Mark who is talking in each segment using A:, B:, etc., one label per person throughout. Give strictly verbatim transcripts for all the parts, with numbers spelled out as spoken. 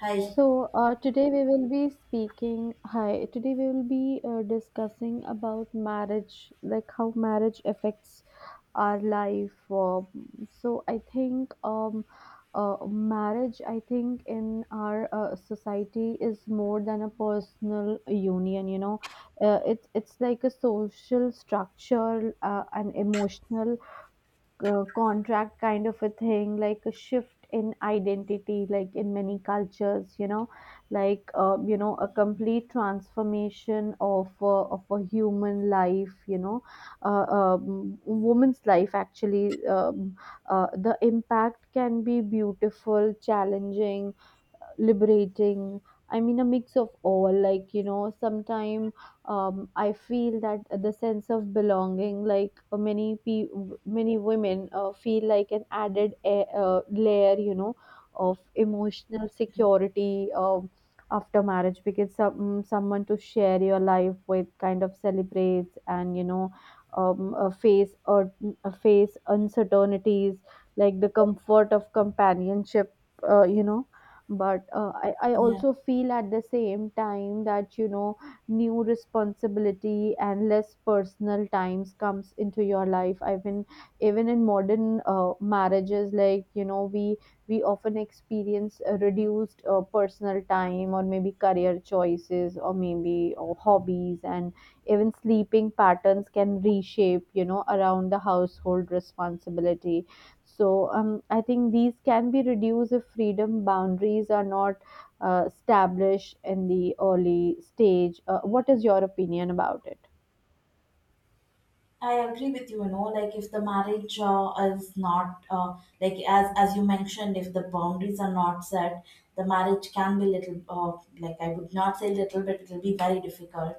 A: Hi.
B: So, uh, today we will be speaking. Hi, today we will be uh, discussing about marriage, like how marriage affects our life. Um, so, I think um, uh, marriage, I think in our uh, society is more than a personal union. You know, uh, it's it's like a social structure, uh, an emotional uh, contract, kind of a thing, like a shift in identity, like in many cultures, you know like uh, you know a complete transformation of uh, of a human life, you know uh, um, woman's life actually um, uh, the impact can be beautiful, challenging, liberating. I mean, a mix of all, like, you know sometimes um, I feel that the sense of belonging, like, uh, many pe- many women uh, feel like an added a- uh, layer, you know of emotional security um, after marriage, because some, someone to share your life with, kind of celebrates, and you know um, uh, face or uh, face uncertainties, like the comfort of companionship uh, you know but uh, I, I
A: Yeah,
B: also feel at the same time that you know new responsibility and less personal times comes into your life. I mean, even in modern uh, marriages, like, you know we we often experience a reduced uh, personal time, or maybe career choices, or maybe or hobbies, and even sleeping patterns can reshape, you know around the household responsibility. So um, I think these can be reduced if freedom boundaries are not uh, established in the early stage. Uh, what is your opinion about it?
A: I agree with you, you know, like if the marriage uh, is not, uh, like as as you mentioned, if the boundaries are not set, the marriage can be little, uh, like I would not say little bit, it will be very difficult,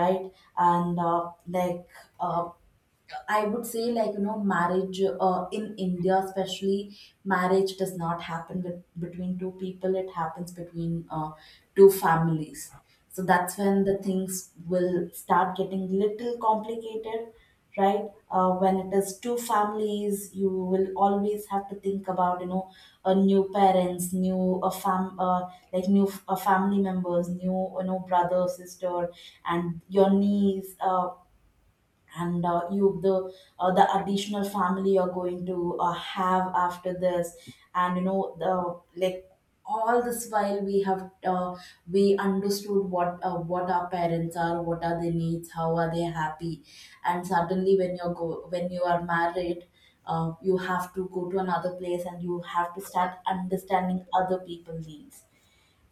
A: right? And uh, like uh, I would say, like, you know, marriage uh, in India, especially, marriage does not happen with, between two people, it happens between uh, two families. So that's when the things will start getting little complicated, right? Uh, when it is two families, you will always have to think about, you know, uh, new parents, new uh, fam, uh, like new uh, family members, new, you know, brother, sister, and your niece. Uh, and uh, you the uh, The additional family you're going to uh, have after this, and you know the like all this while we have uh, we understood what uh, what our parents are, what are their needs, how are they happy. And suddenly when you're go when you are married, uh, you have to go to another place and you have to start understanding other people's needs.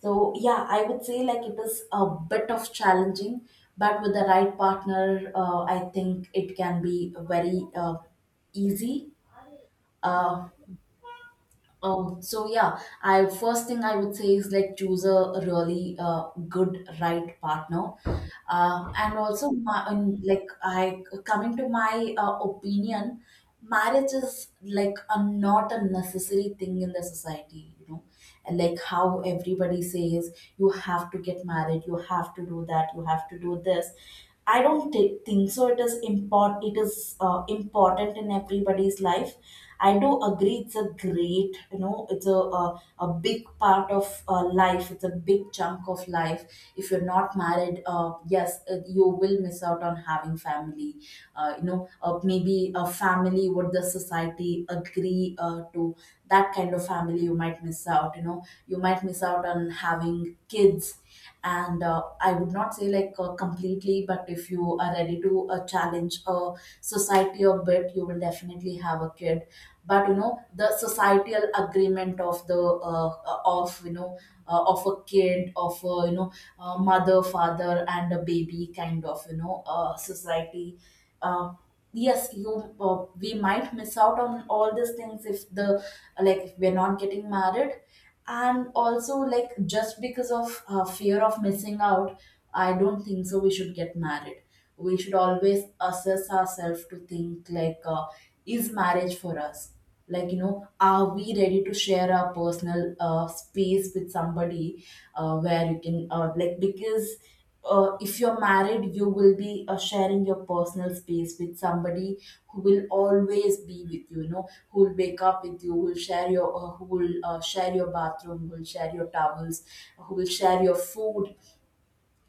A: So yeah, I would say like it is a bit of challenging, but with the right partner, uh, I think it can be very uh, easy. Uh, um, so yeah, I first thing I would say is like choose a really uh, good right partner, uh, and also my, and, like I coming to my uh, opinion, marriage is like a not a necessary thing in the society. You know, and like how everybody says you have to get married, you have to do that, you have to do this. I don't thi- think so. It is important. It is uh, important in everybody's life. I do agree it's a great, you know, it's a, a, a big part of uh, life. It's a big chunk of life. If you're not married, uh, yes, uh, you will miss out on having family, uh, you know, uh, maybe a family what the society agree uh, to, that kind of family you might miss out, you know, you might miss out on having kids. And uh, I would not say like uh, completely, but if you are ready to uh, challenge a society a bit, you will definitely have a kid. But you know, the societal agreement of the uh, uh, of, you know, uh, of a kid, of a, you know, uh, mother, father and a baby kind of, you know, uh, society. uh, yes, you uh, we might miss out on all these things if the, like if we're not getting married. And also like, just because of uh, fear of missing out, I don't think so we should get married. We should always assess ourselves to think like, uh, is marriage for us? Like you know, are we ready to share our personal uh, space with somebody, uh, where you can uh, like, because uh, if you're married, you will be uh, sharing your personal space with somebody who will always be with you, you know, who will wake up with you, who will share your uh, who will uh, share your bathroom, who will share your towels, who will share your food.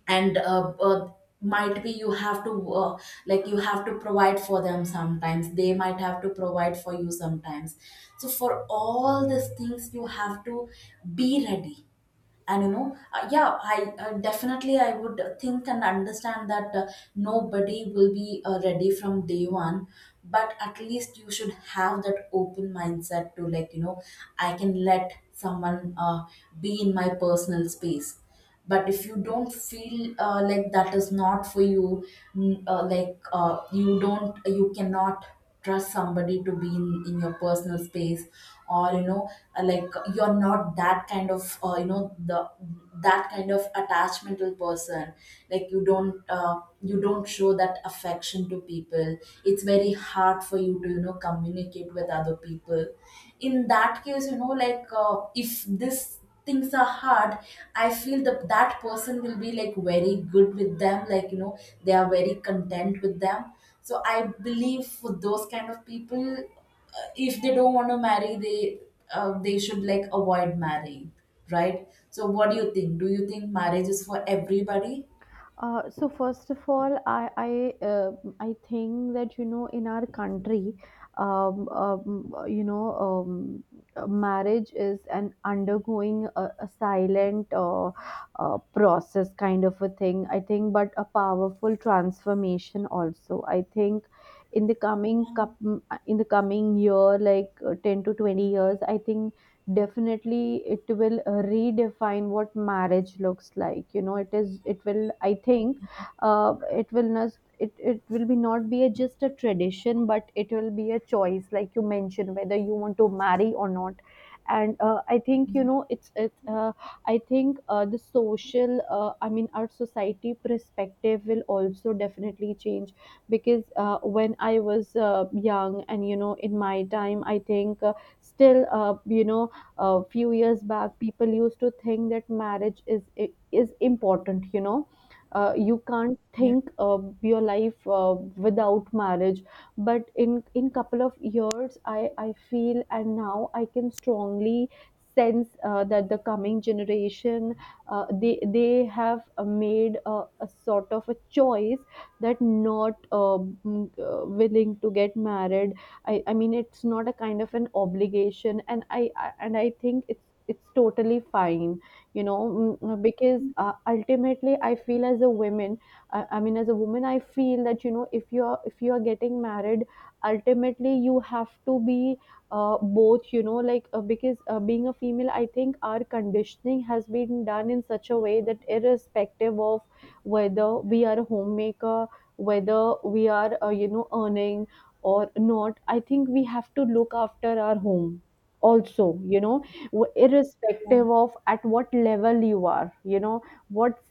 A: And uh, uh, Might be you have to uh, like, you have to provide for them sometimes, they might have to provide for you sometimes. So for all these things you have to be ready. And you know, uh, yeah, i uh, definitely, I would think and understand that uh, nobody will be uh, ready from day one, but at least you should have that open mindset to, like you know, I can let someone uh, be in my personal space. But if you don't feel uh, like that is not for you, mm, uh, like uh, you don't, you cannot trust somebody to be in, in your personal space, or you know, uh, like you're not that kind of, uh, you know, the that kind of attachmental person, like you don't uh, you don't show that affection to people, it's very hard for you to, you know, communicate with other people. In that case, you know, like uh, if this things are hard, I feel that that person will be like very good with them, like you know, they are very content with them. So I believe for those kind of people, uh, if they don't want to marry, they uh, they should like avoid marrying, right? So what do you think, do you think marriage is for everybody?
B: Uh, so first of all, I I uh, I think that you know in our country, um, um, you know, um, uh, marriage is an undergoing a, a silent uh, uh, process, kind of a thing. I think, but a powerful transformation also. I think in the coming cup in the coming year, like, uh, ten to twenty years, I think definitely it will uh, redefine what marriage looks like. You know it is, it will, I think uh, it will not, it, it will be not, be a, just a tradition, but it will be a choice, like you mentioned, whether you want to marry or not. And uh, I think, you know it's it's uh, I think uh, the social uh, I mean, our society perspective will also definitely change. Because uh, when I was uh, young, and you know in my time, I think uh, still uh, you know a few years back, people used to think that marriage is is important. You know uh, you can't think uh, your life uh, without marriage. But in in couple of years, i i feel, and now I can strongly sense uh, that the coming generation uh, they they have uh, made a, a sort of a choice, that not uh, mm, uh, willing to get married. I, I mean it's not a kind of an obligation, and I, I and I think it's it's totally fine. You know mm, mm, because uh, ultimately I feel as a woman, I, I mean, as a woman I feel that, you know if you're if you're getting married, ultimately you have to be uh, both, you know like uh, because uh, being a female, I think our conditioning has been done in such a way that, irrespective of whether we are a homemaker, whether we are uh, you know earning or not, I think we have to look after our home also you know w-
A: Yeah, yeah,
B: Irrespective of at what level you are, you know what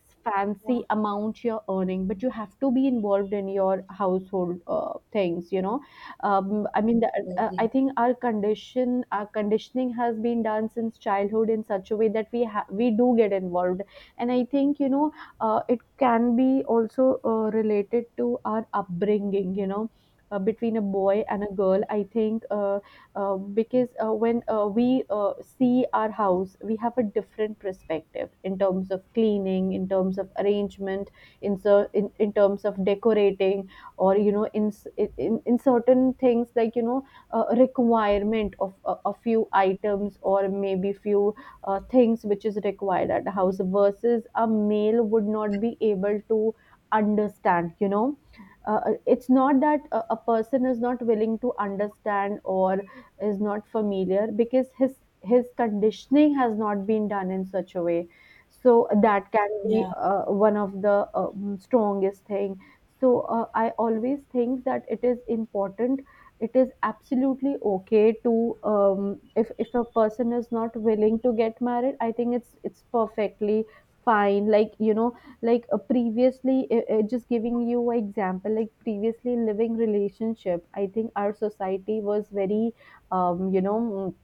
A: yeah,
B: fancy amount you're earning, but you have to be involved in your household uh, things. you know um, I mean the,
A: I
B: uh, I
A: agree.
B: think our condition our conditioning has been done since childhood in such a way that we ha- we do get involved. And I think, you know uh, it can be also uh, related to our upbringing, you know uh, between a boy and a girl, I think uh, uh, because uh, when uh, we uh, see our house, we have a different perspective, in terms of cleaning, in terms of arrangement, in, cer- in, in terms of decorating, or you know, in, s- in, in in certain things, like, you know uh, requirement of a, a few items, or maybe few uh, things which is required at the house, versus a male would not be able to understand. You know uh, uh, it's not that a, a person is not willing to understand, or is not familiar, because his his conditioning has not been done in such a way. So that can be
A: Yeah,
B: uh, one of the um, strongest thing. So uh, I always think that it is important. It is absolutely okay to um, if if a person is not willing to get married, I think it's it's perfectly fine, like, you know like uh, previously uh, uh, just giving you an example, like previously, living relationship, I think our society was very um, you know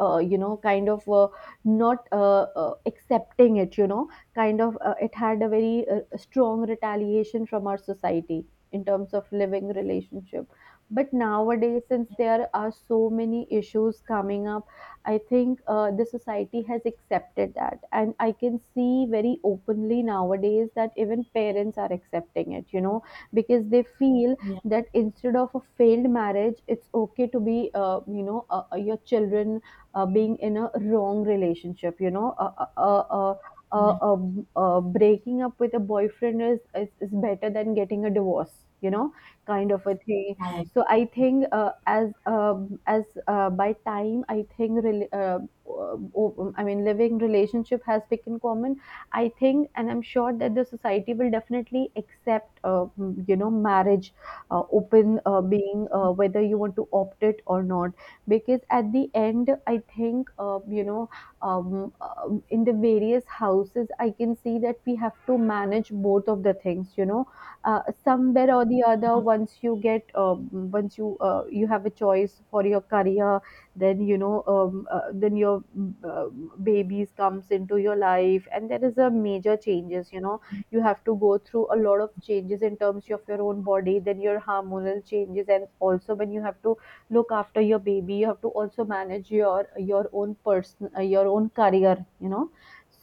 B: uh, you know kind of uh, not uh, uh, accepting it, you know kind of uh, It had a very uh, strong retaliation from our society in terms of living relationship. But nowadays, since there are so many issues coming up, I think uh, the society has accepted that, and I can see very openly nowadays that even parents are accepting it, you know because they feel
A: yeah.
B: that, instead of a failed marriage, it's okay to be uh, you know uh, uh, your children uh, being in a wrong relationship. You know uh, uh, uh, uh, uh,
A: Yeah.
B: uh, uh, Breaking up with a boyfriend is, is, is better than getting a divorce, you know kind of a thing.
A: I
B: So I think uh, as um, as uh, by time I think rel uh, uh, o- um, I mean living relationship has become common, I think, and I'm sure that the society will definitely accept uh, you know marriage uh, open uh, being uh, whether you want to opt it or not. Because at the end I think uh, you know um, um, in the various houses I can see that we have to manage both of the things. You know uh, somewhere or the other, once you get um, once you uh, you have a choice for your career, then you know um, uh, then your uh, babies comes into your life, and there is a major changes. You know you have to go through a lot of changes in terms of your own body, then your hormonal changes, and also when you have to look after your baby, you have to also manage your your own, person uh, your own career. you know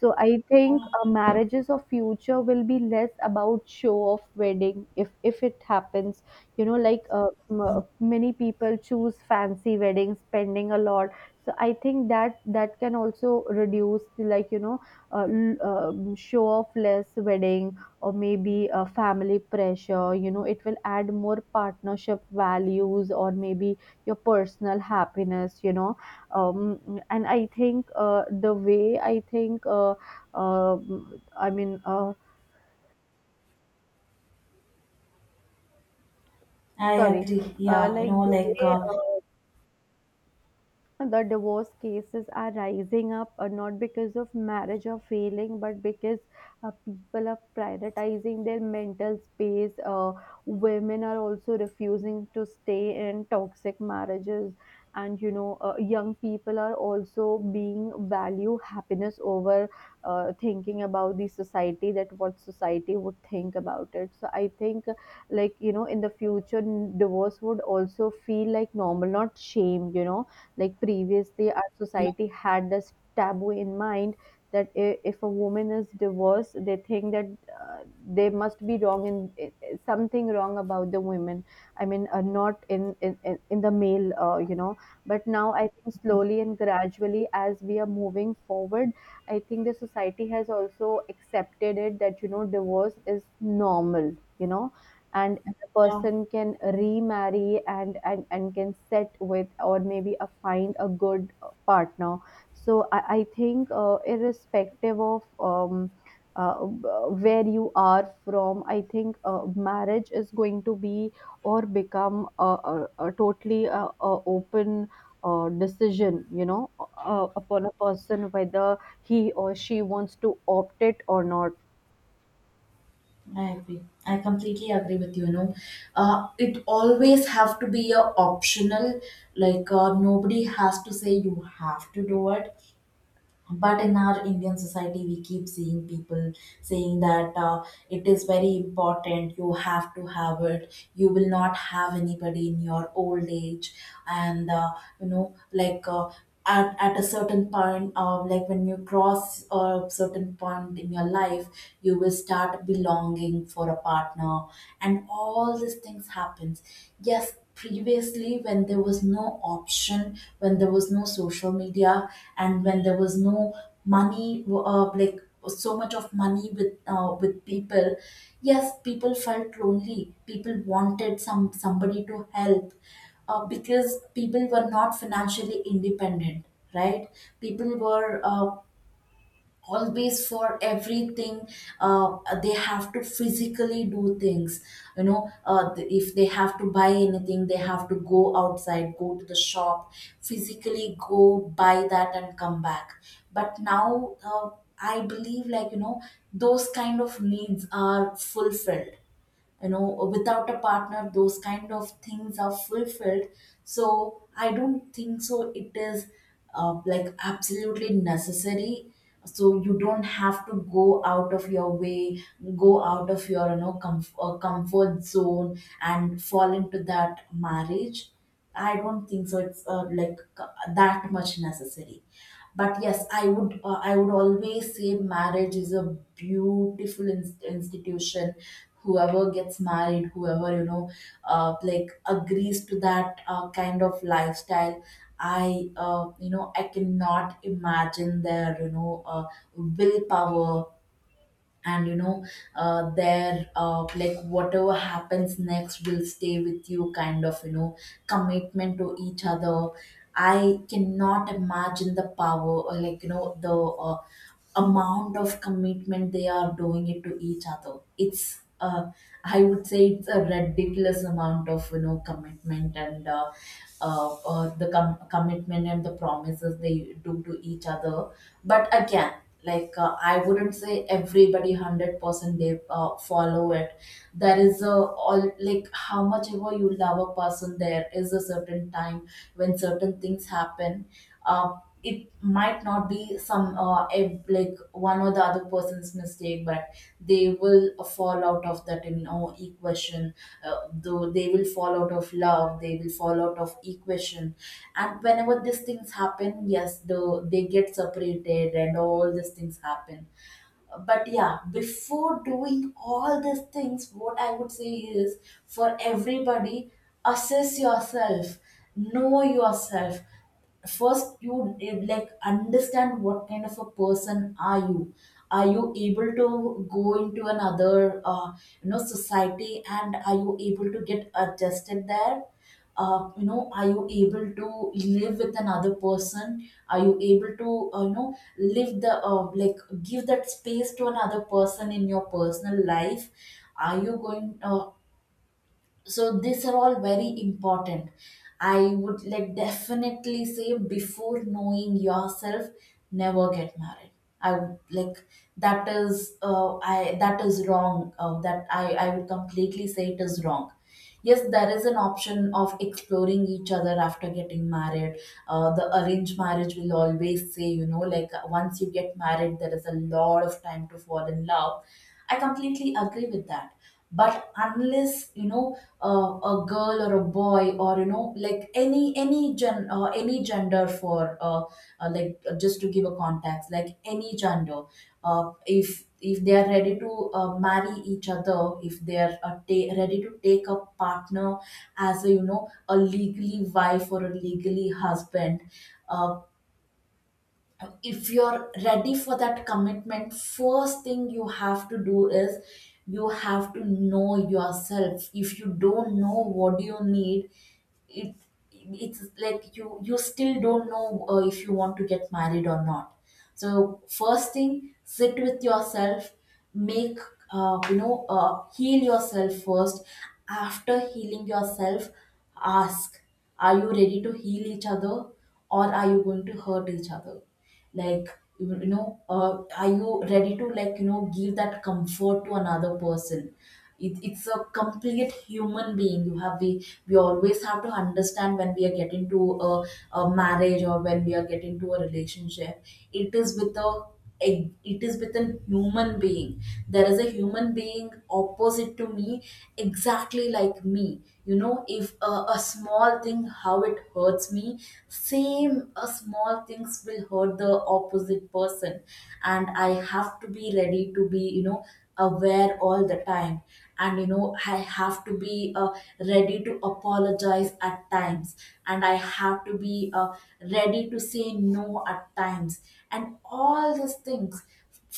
B: So I think uh, marriages of future will be less about show of wedding, if if it happens, you know like, uh, m- uh, many people choose fancy weddings, spending a lot. So I think that that can also reduce, like you know uh, l- um show off less wedding, or maybe a family pressure, you know it will add more partnership values, or maybe your personal happiness. You know um, and I think uh, the way I think uh, um I mean uh,
A: I
B: sorry
A: agree.
B: uh,
A: Yeah, you
B: like,
A: know,
B: the
A: like
B: way
A: uh,
B: uh, the divorce cases are rising up, uh, not because of marriage or failing, but because uh, people are prioritizing their mental space. Uh, women are also refusing to stay in toxic marriages, and you know uh, young people are also being value happiness over uh, thinking about the society, that what society would think about it. So I think, like, you know in the future, n- divorce would also feel like normal, not shame. You know like previously, our
A: yeah.
B: society had this taboo in mind, that i- if a woman is divorced, they think that uh, they must be wrong in, i- i- something wrong about the women. I mean uh, not in, in, in in the male. Uh, you know but now I think, slowly and gradually, as we are moving forward, I think the society has also accepted it, that you know divorce is normal, you know and the
A: Yeah.
B: person can remarry, and and and can set with, or maybe a find a good uh, partner. So i, I think uh, irrespective of um, uh, where you are from, I think uh, marriage is going to be, or become a, a, a totally uh a open uh, decision, you know uh, upon a person, whether he or she wants to opt it or not.
A: I agree. I completely agree with you. You know, uh, it always have to be a optional. Like uh, nobody has to say you have to do it, but in our Indian society we keep seeing people saying that uh, it is very important, you have to have it, you will not have anybody in your old age. And uh, You know, like uh, at, at a certain point, uh, like when you cross a certain point in your life, you will start belonging for a partner, and all these things happens. Yes, previously when there was no option, when there was no social media, and when there was no money, uh, like so much of money with uh, with people, yes, people felt lonely, people wanted some somebody to help, uh, because people were not financially independent, right? People were uh, always, for everything, uh, they have to physically do things. You know, uh, th- if they have to buy anything, they have to go outside, go to the shop, physically go buy that and come back. But now, uh, I believe, like you know, those kind of needs are fulfilled, you know, without a partner those kind of things are fulfilled. So I don't think so it is uh, like absolutely necessary. So you don't have to go out of your way, go out of your, you know, comf- uh, comfort zone and fall into that marriage. I don't think so it's uh, like c- that much necessary. But yes, I would uh, I would always say marriage is a beautiful in- institution. Whoever gets married, whoever, you know, uh, like agrees to that uh, kind of lifestyle, I uh, you know, I cannot imagine their, you know, uh, willpower, and you know, uh, their uh, like whatever happens next will stay with you kind of, you know, commitment to each other. I cannot imagine the power, or like you know, the uh, amount of commitment they are doing it to each other. It's uh, I would say it's a ridiculous amount of, you know, commitment. And uh, uh, uh, the com- commitment and the promises they do to each other. But again, like uh, I wouldn't say everybody one hundred percent they uh, follow it. There is a, all, like how much ever you love a person, there is a certain time when certain things happen. uh, it might not be some uh, ev- like one or the other person's mistake, but they will fall out of that, you know, equation. uh, though they will fall out of love, they will fall out of equation. And whenever these things happen, yes, though they get separated and all these things happen. But yeah, before doing all these things, what I would say is, for everybody, assess yourself, know yourself. First you eh, like understand what kind of a person are you. Are you able to go into another, uh, you know, society, and are you able to get adjusted there? Uh, you know, are you able to live with another person? Are you able to uh, you know live the uh, like give that space to another person in your personal life? Are you going uh, So these are all very important. I would like definitely say, before knowing yourself, never get married. I would like, that is uh, I that is wrong, uh, that i i would completely say it is wrong. Yes, there is an option of exploring each other after getting married. Uh, the arranged marriage will always say, you know, like uh, once you get married there is a lot of time to fall in love. I completely agree with that. But unless, you know, uh, a girl or a boy, or you know, like any any gen uh, any gender for uh, uh, like uh, just to give a context, like any gender, uh, if if they are ready to uh, marry each other, if they are uh, ta- ready to take a partner as, a you know, a legally wife or a legally husband, uh, if you're ready for that commitment, first thing you have to do is, you have to know yourself. If you don't know what you need, it it's like you you still don't know uh, if you want To get married or not. So first thing, sit with yourself, make uh, you know uh, heal yourself first. After healing yourself, ask, are you ready to heal each other, or are you going to hurt each other? Like you you know uh, are you ready to like you know give that comfort to another person? It, it's a complete human being, you have, we we always have to understand when we are getting to a, a marriage or when we are getting to a relationship, it is with a a- it is with an human being. There is a human being opposite to me, exactly like me. You know if a, a small thing, how it hurts me, same a small things will hurt the opposite person. And I have to be ready to be you know aware all the time. And you know I have to be uh, ready to apologize at times, and I have to be uh, ready to say no at times, and all these things.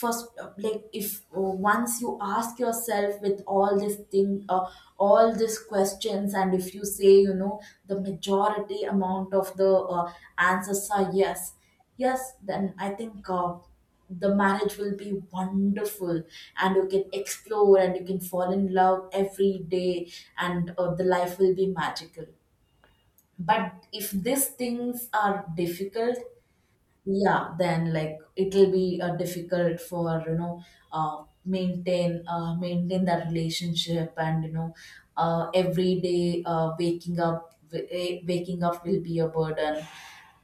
A: First uh, Like if uh, once you ask yourself with all this thing uh, all these questions, and if you say, you know the majority amount of the uh, answers are yes, yes, then I think uh, the marriage will be wonderful. And you can explore and you can fall in love every day. And uh, the life will be magical. But if these things are difficult, yeah, then like it'll be uh, difficult for you know uh, maintain, uh, maintain that relationship. And you know uh, every day uh, waking up w- eh, waking up will be a burden.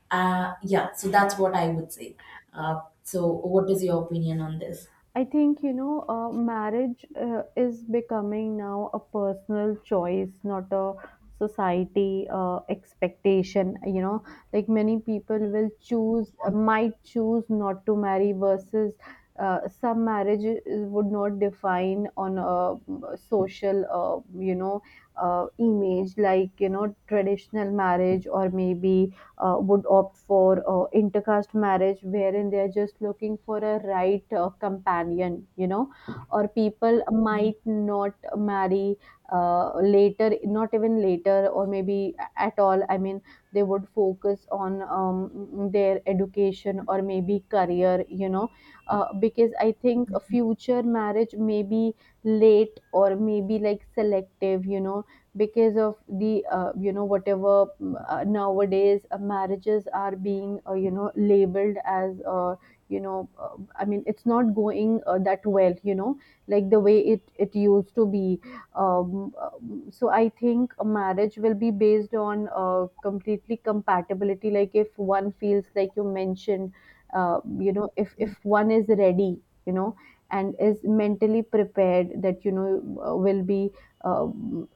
A: uh, Yeah, so that's what I would say. Uh, so what is your opinion on this?
B: I think, you know, uh, marriage uh, is becoming now a personal choice, not a society uh, expectation. You know, like many people will choose, uh, might choose not to marry versus. Uh, some marriages would not define on a social, uh, you know, uh, image, like you know traditional marriage, or maybe uh, would opt for uh, intercaste marriage wherein they are just looking for a right uh, companion, you know. Or people
A: Yeah.
B: might not marry uh, later, not even later or maybe at all, I mean they would focus on um, their education or maybe career, you know. Uh, because I think a future marriage may be late or maybe like selective, you know, because of the uh, you know whatever, mm, uh, nowadays uh, marriages are being uh, you know labeled as uh, you know uh, I mean, it's not going uh, that well, you know, like the way it it used to be. Um, um, so I think a marriage will be based on uh, completely compatibility, like if one feels like you mentioned. Uh, you know if if one is ready, you know, and is mentally prepared that you know uh, will be uh,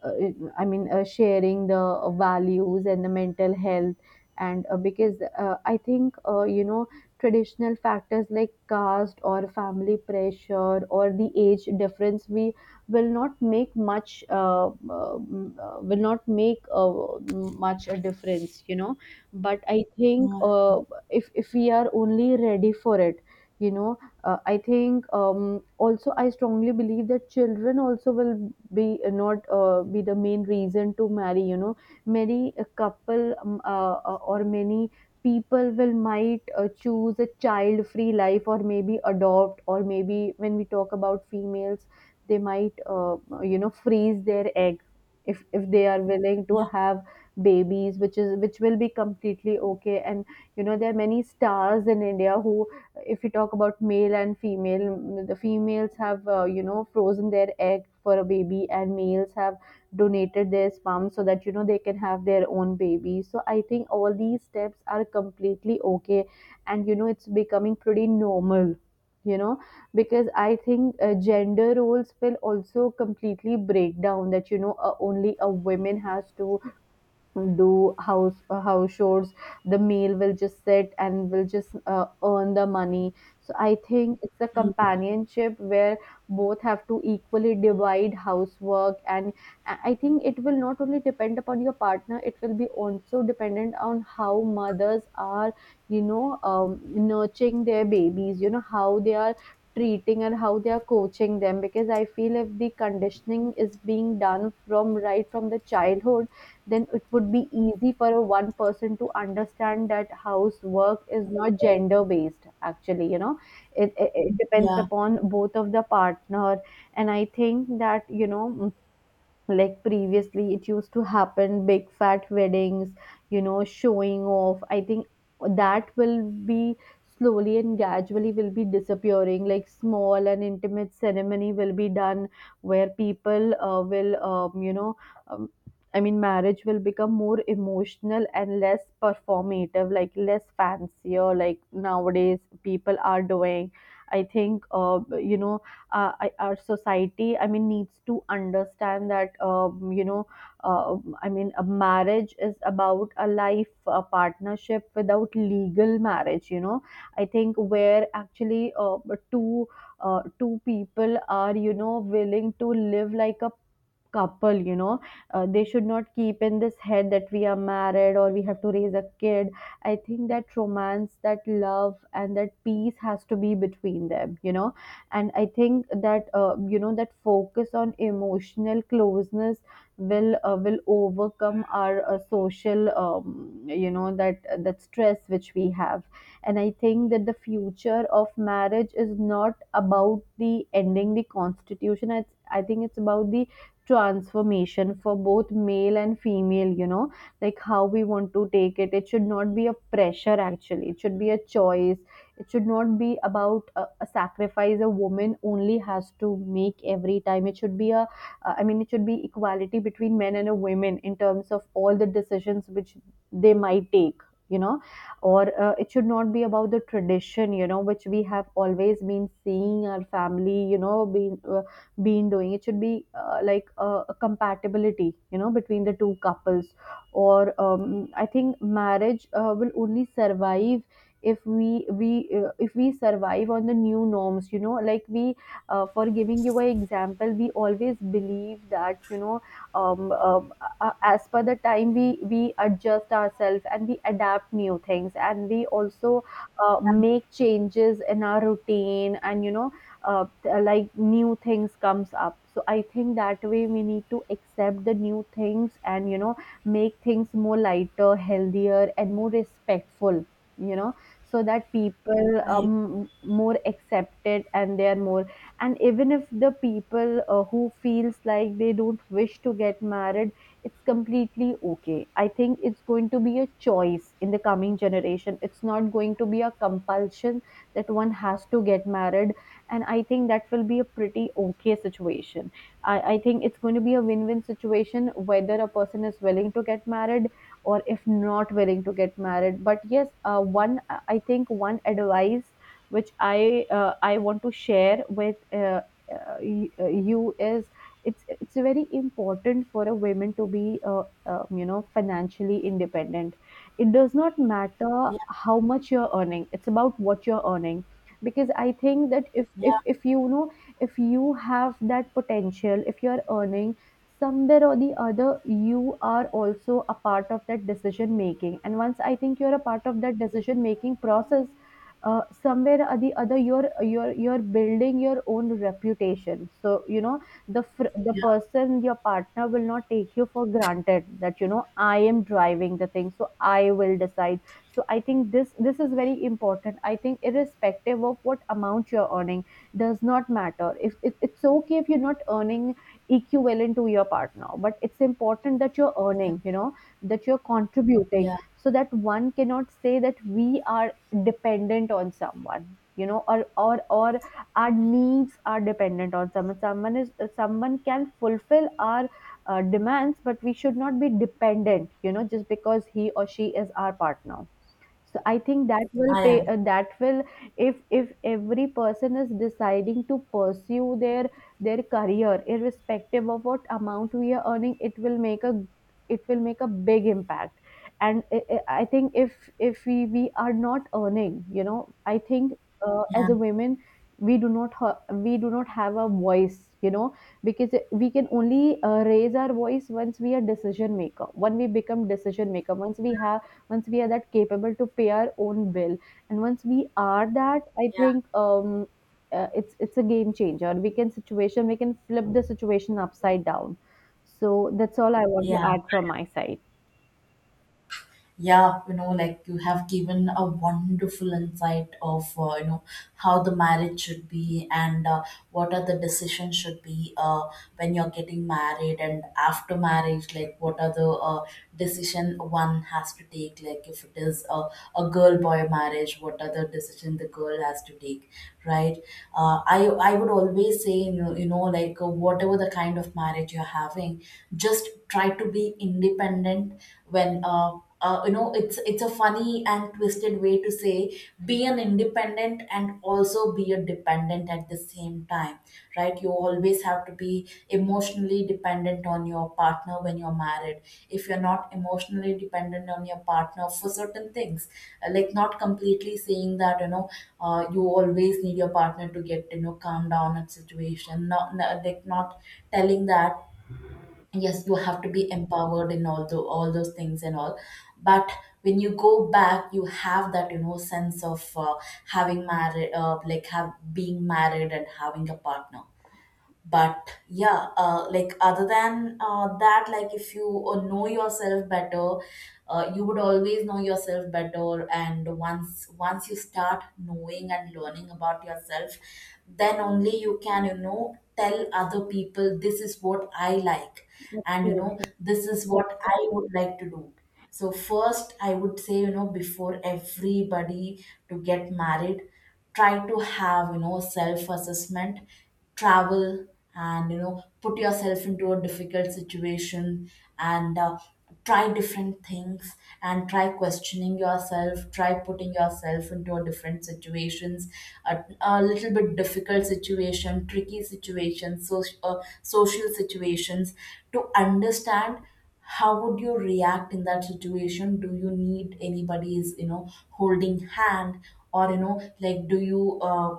B: I mean, uh, sharing the values and the mental health. And uh, because uh, I think, uh, you know, traditional factors like caste or family pressure or the age difference, we will not make much, uh, uh, mm, will not make uh, much a difference, you know. But I think
A: No.
B: uh, if, if we are only ready for it, you know, uh, I think um, also I strongly believe that children also will be uh, not uh, be the main reason to marry, you know. Many a couple, um, uh, uh, or many people will, might uh, choose a child free life or maybe adopt, or maybe when we talk about females, they might uh, you know freeze their egg if if they are willing to
A: Yeah,
B: have babies, which is which will be completely okay. And you know, there are many stars in India who, if we talk about male and female, the females have uh, you know frozen their egg for a baby, and males have donated their sperm so that you know they can have their own baby. So I think all these steps are completely okay, and you know it's becoming pretty normal, you know. Because I think uh, gender roles will also completely break down, that you know uh, only a woman has to do house uh, house chores, the male will just sit and will just uh, earn the money. So I think it's a companionship where both have to equally divide housework. And i I think it will not only depend upon your partner, it will be also dependent on how mothers are, you know, um, nurturing their babies, you know how they are treating and how they are coaching them, because I feel if the conditioning is being done from right from the childhood, then it would be easy for a one person to understand that housework is not gender based actually, you know. It, it, it depends
A: yeah.
B: upon both of the partner. And I think that you know, like previously it used to happen big fat weddings, you know, showing off. I think that will be slowly and gradually will be disappearing, like small and intimate ceremony will be done where people uh, will um, you know um, I mean marriage will become more emotional and less performative, like less fancier like nowadays people are doing. I think uh, you know uh, I- our society, I mean, needs to understand that um, you know uh, I mean a marriage is about a life, a partnership without legal marriage, you know. I think where actually uh, two uh, two people are you know willing to live like a couple, you know. Uh, they should not keep in this head that we are married or we have to raise a kid. I think that romance, that love and that peace has to be between them, you know. And I think that uh, you know that focus on emotional closeness will uh, will overcome our uh, social, um, you know that that stress which we have. And I think that the future of marriage is not about the ending the constitution, it's, I think it's about the transformation for both male and female, you know, like how we want to take it. It should not be a pressure actually, it should be a choice. It should not be about a, a sacrifice a woman only has to make every time. It should be a uh, I mean it should be equality between men and a women in terms of all the decisions which they might take, you know. Or uh, it should not be about the tradition, you know, which we have always been seeing our family, you know, being uh, been doing. It should be uh, like a, a compatibility, you know, between the two couples. Or um, I think marriage uh, will only survive if we we uh, if we survive on the new norms, you know. Like we uh, for giving you an example, we always believe that you know um, um, uh, as per the time we we adjust ourselves and we adapt new things, and we also uh, make changes in our routine, and you know uh, uh, like new things comes up. So I think that way we need to accept the new things, and you know make things more lighter, healthier and more respectful, you know, so that people
A: I,
B: um more accepted and they are more. And even if the people uh, who feels like they don't wish to get married, it's completely okay. I think it's going to be a choice in the coming generation, it's not going to be a compulsion that one has to get married. And I think that will be a pretty okay situation. I, I think it's going to be a win-win situation, whether a person is willing to get married or if not willing to get married. But yes, uh, one I think one advice which i uh, i want to share with uh, uh, y- uh, you is, it's it's very important for a woman to be uh, uh, you know financially independent. It does not matter
A: yeah,
B: how much you're earning, it's about what you're earning. Because I think that if if
A: yeah,
B: if you know, if you have that potential, if you are earning somewhere or the other, you are also a part of that decision making. And once I think you're a part of that decision making process, uh, somewhere or the other you're you're you're building your own reputation, so you know the fr- the
A: yeah.
B: person, your partner, will not take you for granted, that you know I am driving the thing so I will decide. So I think this this is very important. I think irrespective of what amount you're earning, does not matter, if it, it's okay if you're not earning equivalent to your partner, but it's important that you're earning, you know, that you're contributing,
A: Yeah,
B: so that one cannot say that we are dependent on someone, you know. Or or or our needs are dependent on someone, someone is, someone can fulfill our uh, demands, but we should not be dependent, you know, just because he or she is our partner. So I think that will
A: I
B: pay
A: am.
B: uh, that will, if if every person is deciding to pursue their their career, irrespective of what amount we are earning, it will make a, it will make a big impact. And i, I I think if if we we are not earning, you know, I think uh, as
A: Yeah,
B: a women we do not ha- we do not have a voice, you know, because we can only uh, raise our voice once we are decision maker, when we become decision maker, once we have, once we are that capable to pay our own bill, and once we are that, I
A: yeah,
B: think um, uh, it's it's a game changer, we can situation, we can flip the situation upside down. So that's all I want to
A: yeah.
B: add from my side.
A: Yeah, you know like you have given a wonderful insight of uh, you know how the marriage should be, and uh, what are the decisions should be uh, when you're getting married, and after marriage, like what are the uh, decision one has to take, like if it is a, a girl boy marriage, what are the decision the girl has to take, right? Uh, i i would always say, you know, you know like uh, whatever the kind of marriage you're having, just try to be independent. When uh, uh, you know it's it's a funny and twisted way to say, be an independent and also be a dependent at the same time, right? You always have to be emotionally dependent on your partner when you're married. If you're not emotionally dependent on your partner for certain things, uh, like not completely saying that you know uh, you always need your partner to get you know calm down at situation. Not, not like, not telling that, yes, you have to be empowered in all the all those things and all. But when you go back, you have that you know sense of uh, having married uh, like have being married and having a partner. But yeah uh, like other than uh, that, like if you uh, know yourself better, uh, you would always know yourself better. And once once you start knowing and learning about yourself, then only you can you know tell other people, this is what I like, and you know
B: Absolutely.
A: this is what I would like to do. So first I would say, you know before everybody, to get married, try to have you know self assessment, travel, and you know put yourself into a difficult situation, and uh, try different things, and try questioning yourself, try putting yourself into a different situations, a, a little bit difficult situation, tricky situations, so, uh, social situations, to understand how would you react in that situation. Do you need anybody's you know holding hand, or you know like do you uh,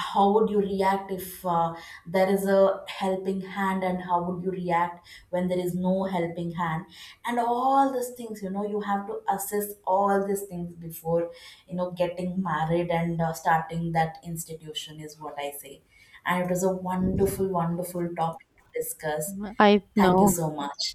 A: how would you react if uh, there is a helping hand, and how would you react when there is no helping hand. And all these things, you know you have to assess all these things before you know getting married and uh, starting that institution, is what I say. And it was a wonderful wonderful topic to discuss.
B: I
A: Thank you
B: know.
A: so much.